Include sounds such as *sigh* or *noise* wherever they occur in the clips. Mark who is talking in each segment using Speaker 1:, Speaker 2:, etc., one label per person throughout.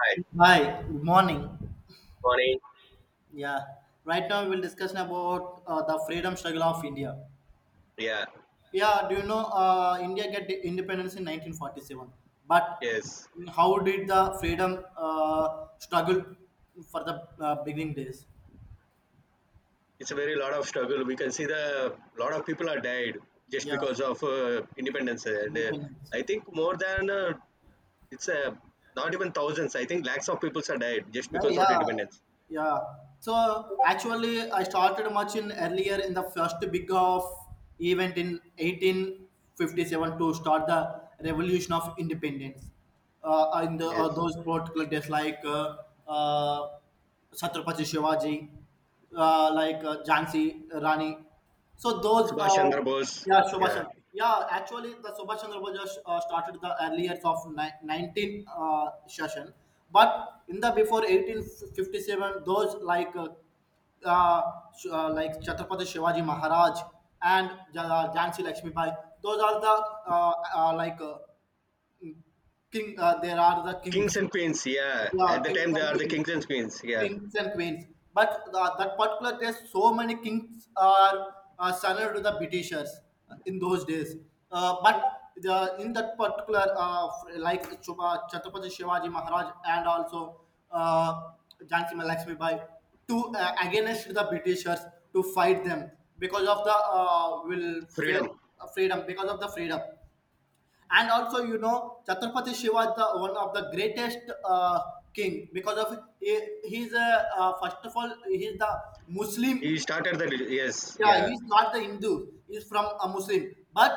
Speaker 1: Hi,
Speaker 2: Hi, good morning.
Speaker 1: good morning.
Speaker 2: Yeah, right now we'll discuss about the freedom struggle of India.
Speaker 1: Yeah,
Speaker 2: Yeah, do you know India get independence in 1947? But
Speaker 1: yes.
Speaker 2: how did the freedom struggle for the beginning days?
Speaker 1: It's a very lot of struggle. We can see the lot of people are died just
Speaker 2: Yeah,
Speaker 1: because of independence, and
Speaker 2: independence.
Speaker 1: I think more than it's not even thousands. I think lakhs of people are died just
Speaker 2: Yeah,
Speaker 1: because of
Speaker 2: yeah,
Speaker 1: independence.
Speaker 2: yeah. So actually, I started much in earlier in the first big of event in 1857 to start the revolution of independence. In
Speaker 1: Yes,
Speaker 2: those particular days, like uh, Chhatrapati Shivaji, like Jhansi Rani. So those,
Speaker 1: Subhash
Speaker 2: uh,
Speaker 1: Chandra Bose.
Speaker 2: yeah, Subhash.
Speaker 1: Yeah,
Speaker 2: Yeah, actually, the Subhash Chandra Bose just started the early years of ni- 19 uh, session, but in the before 1857, those uh, like Chhatrapati Shivaji Maharaj and Jhansi Lakshmi Bai. Those are the uh, uh, like uh, king. There are the
Speaker 1: kings
Speaker 2: kings.
Speaker 1: and queens. Yeah,
Speaker 2: Yeah,
Speaker 1: at the
Speaker 2: kings
Speaker 1: time they
Speaker 2: and
Speaker 1: are the
Speaker 2: queens,
Speaker 1: kings and queens. Yeah,
Speaker 2: kings and queens. But that particular days, so many kings are surrendered to the Britishers in those days. But the, in that particular, like Chuba, Chhatrapati Shivaji Maharaj and also uh, Jhansi Ma Lakshmi Bai, to against the Britishers to fight them because of the will face
Speaker 1: freedom.
Speaker 2: freedom, because of the freedom. And also, you know, Chhatrapati Shiva is the one of the greatest uh, king because of he, he's a first of all he's the
Speaker 1: He
Speaker 2: Muslim.
Speaker 1: started the yes.
Speaker 2: Yeah,
Speaker 1: Yeah.
Speaker 2: he's not the Hindu, he's from a Muslim, but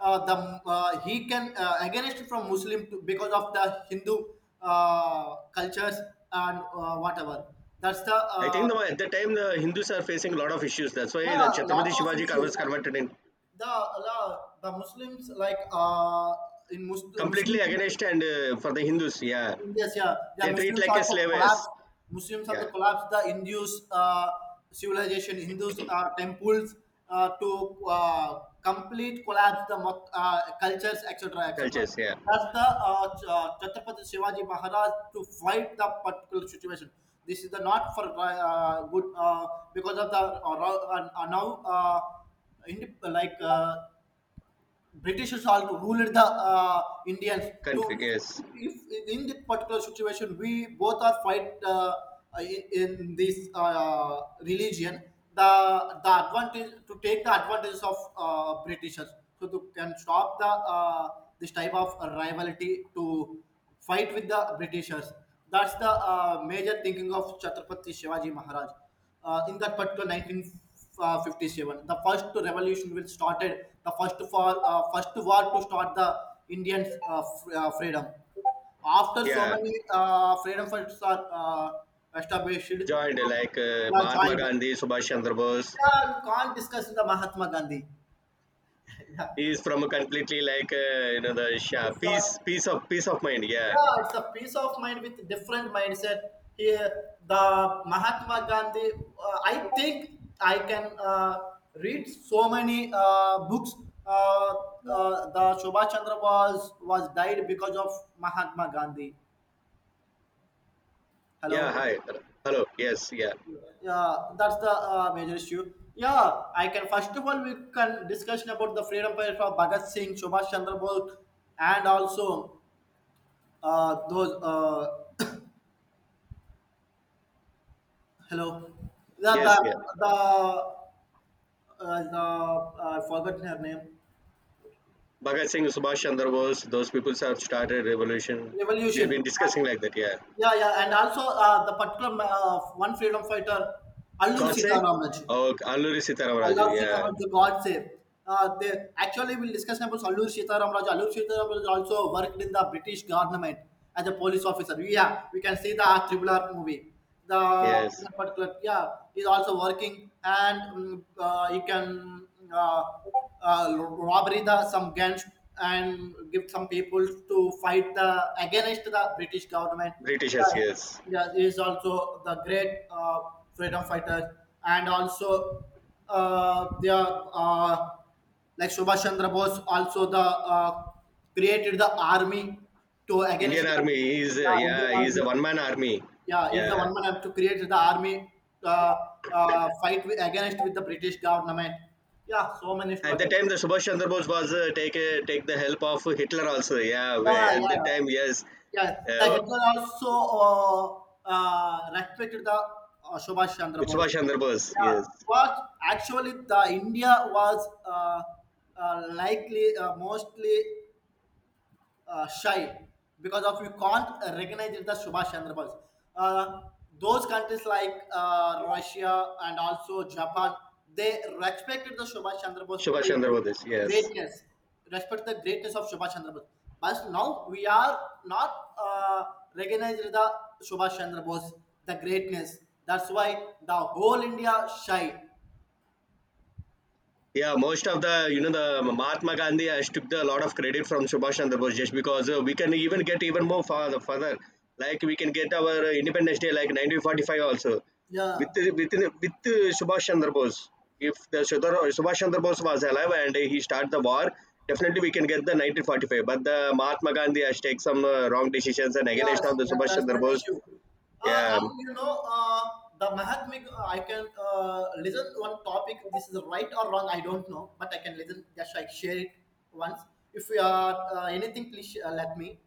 Speaker 2: the he can against from Muslim to, because of the Hindu cultures and whatever. That's the
Speaker 1: I think at the time the Hindus are facing a lot of issues. That's why the
Speaker 2: Yeah,
Speaker 1: Chhatrapati
Speaker 2: lot of
Speaker 1: Shivaji
Speaker 2: issues,
Speaker 1: was converted in
Speaker 2: the the, the Muslims like in
Speaker 1: completely
Speaker 2: Muslim.
Speaker 1: against and for the Hindus, yeah.
Speaker 2: Yes, yeah, yeah.
Speaker 1: They treat
Speaker 2: Muslims
Speaker 1: like a
Speaker 2: also collapse.
Speaker 1: slaves,
Speaker 2: Muslims
Speaker 1: yeah.
Speaker 2: also collapse the Hindus civilization, Hindus temples, to complete collapse the cultures, etc., etc.
Speaker 1: Cultures, yeah.
Speaker 2: That's the Chhatrapati Shivaji Maharaj to fight the particular situation. This is the not for good. Because of the ro- now Indi- like Britishers also ruled the Indians.
Speaker 1: Country,
Speaker 2: To
Speaker 1: yes.
Speaker 2: if in this particular situation, we both are fight in this religion. The advantage to take the advantages of Britishers, so to can stop the this type of rivalry to fight with the Britishers. That's the major thinking of Chhatrapati Shivaji Maharaj in that particular 1957 the first revolution will started the first for first war to start the Indian freedom. After so
Speaker 1: Yeah.
Speaker 2: many freedom fighters are established,
Speaker 1: Joined like
Speaker 2: yeah,
Speaker 1: Mahatma
Speaker 2: joined.
Speaker 1: Gandhi, Subhash Chandra Bose.
Speaker 2: Yeah, you can't discuss the Mahatma Gandhi. *laughs* Yeah.
Speaker 1: He is from a completely like you know the Shah.
Speaker 2: it's, uh,
Speaker 1: Peace, peace of mind. Yeah,
Speaker 2: Yeah, it's a peace of mind with different mindset. Here, the Mahatma Gandhi. I think I can read so many books. Uh, the Subhash Chandra Bose was died because of Mahatma Gandhi.
Speaker 1: yeah.
Speaker 2: Hello.
Speaker 1: Hi, hello. Yes, yeah,
Speaker 2: Yeah, that's the major issue. Yeah, I can. First of all, we can discussion about the freedom fighters of Bhagat Singh, Subhash Chandra Bose, and also those. Hello. Yeah,
Speaker 1: yes, yeah.
Speaker 2: the the I forgotten her name.
Speaker 1: Bhagat Singh, Subhash Chandra Bose. Those people have started revolution. We've
Speaker 2: Revolution.
Speaker 1: been discussing like that. Yeah.
Speaker 2: Yeah, yeah, and also the particular one freedom fighter, Allur
Speaker 1: Godse.
Speaker 2: Sitaraman.
Speaker 1: Oh, Alluri Sitaram Raju.
Speaker 2: Allah
Speaker 1: Yeah.
Speaker 2: Sitaram the God save. They actually will discuss about Allur Sitaram Raju. Allur Sitaram Raju also worked in the British government as a police officer. Yeah, we can see the Triple R movie.
Speaker 1: Yes.
Speaker 2: The particular, yeah, is also working. And he can uh, robbery the some guns and give some people to fight the against the British government.
Speaker 1: Britishers. Yes.
Speaker 2: Yeah, he is also the great freedom fighter, and also they are like Subhash Chandra Bose also the uh, created the army to against
Speaker 1: Indian
Speaker 2: the.
Speaker 1: Army is
Speaker 2: Yeah, Indian
Speaker 1: yeah, he's
Speaker 2: army.
Speaker 1: a one man army.
Speaker 2: Yeah, he's the
Speaker 1: Yeah.
Speaker 2: one man have to create the army uh, fight with, against with the British government. Yeah, so many
Speaker 1: At the
Speaker 2: struggles.
Speaker 1: time, the Subhash Chandra Bose was take the help of Hitler also. Yeah.
Speaker 2: Ah,
Speaker 1: At that
Speaker 2: yeah.
Speaker 1: time, yes.
Speaker 2: Yeah, the
Speaker 1: Uh,
Speaker 2: Hitler also respected the Subhash Chandra Bose.
Speaker 1: Subhash Chandra Bose.
Speaker 2: Yeah,
Speaker 1: Yes.
Speaker 2: what actually the India was likely mostly shy because of you can't recognize the Subhash Chandra Bose. Uh, those countries like Russia and also Japan, they respected the Subhash Chandra Bose
Speaker 1: Subhash
Speaker 2: the
Speaker 1: Chandra Bose. Yes.
Speaker 2: greatness, respect the greatness of Subhash Chandra Bose. But now we are not recognizing the Subhash Chandra Bose, the greatness. That's why the whole India shy.
Speaker 1: Yeah, most of the you know the Mahatma Gandhi has took a lot of credit from Subhash Chandra Bose just because we can even get even more further. Like we can get our Independence Day like 1945 also
Speaker 2: Yeah.
Speaker 1: with with with uh, Subhash Chandra Bose. If Subhash Chandra Bose was alive and he started the war, definitely we can get the 1945. But the Mahatma Gandhi has taken some wrong decisions and against
Speaker 2: Yes,
Speaker 1: of the
Speaker 2: yeah,
Speaker 1: Subhash
Speaker 2: that's
Speaker 1: Chandra
Speaker 2: the
Speaker 1: Bose.
Speaker 2: issue. Uh,
Speaker 1: Yeah,
Speaker 2: and you know, uh, the Mahatmik, I can listen one topic. This is right or wrong, I don't know, but I can listen. Just like share it once. If you are anything, please let me.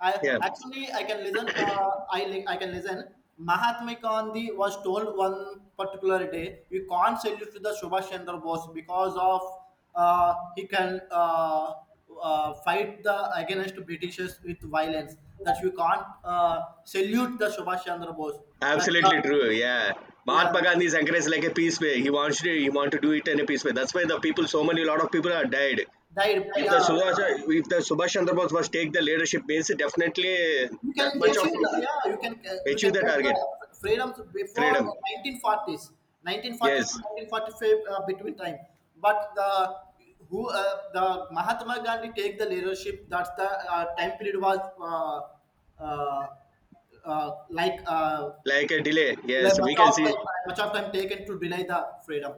Speaker 2: I
Speaker 1: yeah.
Speaker 2: actually I can listen. I can listen. Mahatma Gandhi was told one particular day, you can't salute to the Subhash Chandra Bose because of he can. Fight the against Britishers with violence. That you can't salute the Subhash Chandra Bose. That the,
Speaker 1: Absolutely true. Yeah.
Speaker 2: yeah,
Speaker 1: Mahatma Gandhi is encouraged like a peace way. He want to do it in a peace way. That's why the people, so many lot of people are died.
Speaker 2: died, yeah.
Speaker 1: If the Subhash Chandra Bose was take the leadership, means definitely
Speaker 2: You can
Speaker 1: that much of
Speaker 2: achieve the, yeah. You
Speaker 1: achieve
Speaker 2: can
Speaker 1: the
Speaker 2: get the
Speaker 1: target
Speaker 2: freedoms before
Speaker 1: freedom.
Speaker 2: 1940s, 1940s to
Speaker 1: Yes,
Speaker 2: 1945 between time. But the who the Mahatma Gandhi take the leadership. That's the time period was uh, like. Uh,
Speaker 1: like a delay.
Speaker 2: like
Speaker 1: Yes, we can see.
Speaker 2: much of time taken to deny the freedom.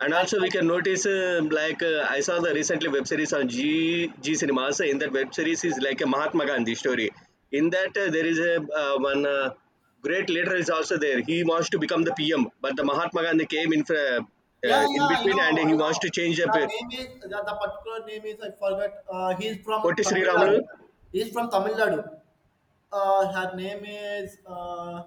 Speaker 1: And
Speaker 2: That's
Speaker 1: also, we
Speaker 2: what.
Speaker 1: can notice, like I saw the recently web series on G G Cinemas. In that web series is like a Mahatma Gandhi story. In that, there is a one great leader is also there. He wants to become the PM, but the Mahatma Gandhi came in
Speaker 2: Yeah,
Speaker 1: in
Speaker 2: yeah, I
Speaker 1: between, and
Speaker 2: know, I
Speaker 1: he wants
Speaker 2: know.
Speaker 1: to change up.
Speaker 2: The name is the particular name is I forgot. He's from
Speaker 1: Potti Sri
Speaker 2: Tamil
Speaker 1: Ramulu.
Speaker 2: Nadu. He's from Tamil Nadu. Her name is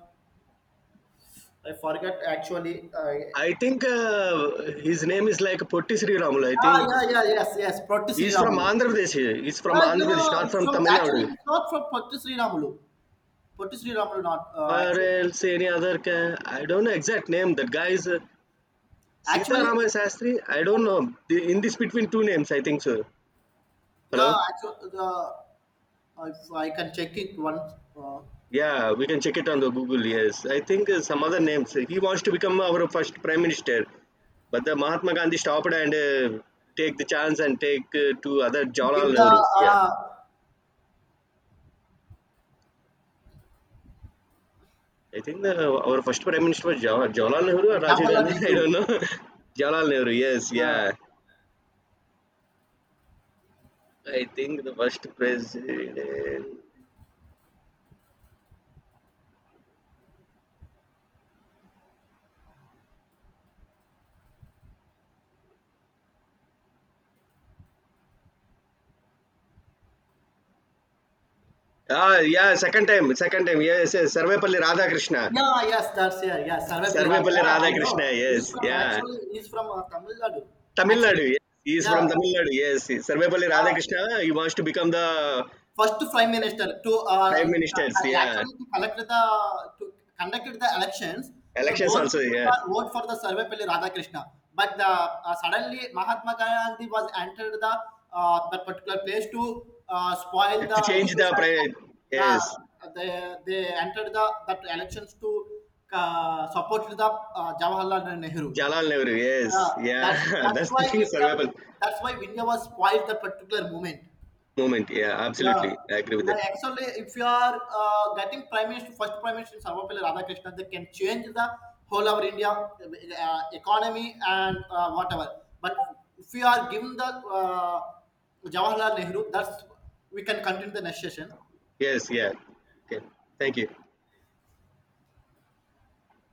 Speaker 2: I forget actually.
Speaker 1: I think his name is like Potti Sri Ramulu. I
Speaker 2: Ah,
Speaker 1: think
Speaker 2: yeah, yeah, yes, yes. Proti Sri
Speaker 1: he's from
Speaker 2: Ramulu.
Speaker 1: Andhra Pradesh. He's from
Speaker 2: Yeah,
Speaker 1: Andhra
Speaker 2: no,
Speaker 1: Pradesh, not
Speaker 2: it's
Speaker 1: from
Speaker 2: from
Speaker 1: Tamil
Speaker 2: actually
Speaker 1: Nadu
Speaker 2: it's not from Proti Sri Ramulu. Proti Sri Ramulu, not
Speaker 1: or
Speaker 2: actually.
Speaker 1: else any other. Ca- I don't know exact name. That guy is.
Speaker 2: Actually,
Speaker 1: Sitarama Shastri? I don't know. In this between two names, I think so.
Speaker 2: yeah,
Speaker 1: Hello?
Speaker 2: actually the. If I can check it once. Uh,
Speaker 1: Yeah, we can check it on the Google. Yes, I think some other names. He wants to become our first prime minister, but the Mahatma Gandhi stopped and take the chance and take to other
Speaker 2: Give
Speaker 1: Jawaharlal Nehru.
Speaker 2: the
Speaker 1: Yeah,
Speaker 2: uh,
Speaker 1: I think our first prime minister was Jawaharlal Nehru or Rajiv
Speaker 2: Jawaharlal
Speaker 1: Gandhi. *laughs* I
Speaker 2: Nehru.
Speaker 1: don't know. *laughs* Jawaharlal Nehru. Yes,
Speaker 2: Uh,
Speaker 1: yeah. I think the first president. Ah, yeah, second time, second time. Yes, yes. Sarvepalli Radhakrishna.
Speaker 2: yeah, yes, that's here. Yeah, Sarve Pillaral.
Speaker 1: Sarvepalli
Speaker 2: Yeah, I
Speaker 1: Radhakrishna.
Speaker 2: know. He's
Speaker 1: yes.
Speaker 2: from
Speaker 1: yeah!
Speaker 2: actually. He's from Tamil Nadu. Actually,
Speaker 1: Tamil Nadu. He is
Speaker 2: yeah.
Speaker 1: From Tamil Nadu. Yes. Sarvepalli Radhakrishna he wants to become the
Speaker 2: First prime minister to
Speaker 1: prime ministers. Yeah!
Speaker 2: actually to collect the, to conducted the elections. So
Speaker 1: elections
Speaker 2: those
Speaker 1: also
Speaker 2: people
Speaker 1: yeah!
Speaker 2: are vote for the Sarvepalli Radhakrishna, but the suddenly Mahatma Gandhi was entered the that particular place to spoil
Speaker 1: to
Speaker 2: the
Speaker 1: change the
Speaker 2: issues. and
Speaker 1: ప్రై
Speaker 2: and,
Speaker 1: yes.
Speaker 2: uh, they entered the that elections to support the Jawaharlal Nehru.
Speaker 1: Jawaharlal Nehru. Yes.
Speaker 2: uh,
Speaker 1: yeah!
Speaker 2: that's that's
Speaker 1: that's
Speaker 2: why
Speaker 1: the thing
Speaker 2: India,
Speaker 1: survival
Speaker 2: that's why India was spoiled that particular moment.
Speaker 1: Movement. Yeah!
Speaker 2: Yeah,
Speaker 1: absolutely. I agree with
Speaker 2: yeah.
Speaker 1: That.
Speaker 2: Actually, if you are getting prime minister, first prime minister Sarvapalli Radhakrishnan, they can change the whole of India economy and whatever. But if you are given the Jawaharlal Nehru, that's we can continue the next session.
Speaker 1: Yes. Yeah! Okay. Thank you. *laughs*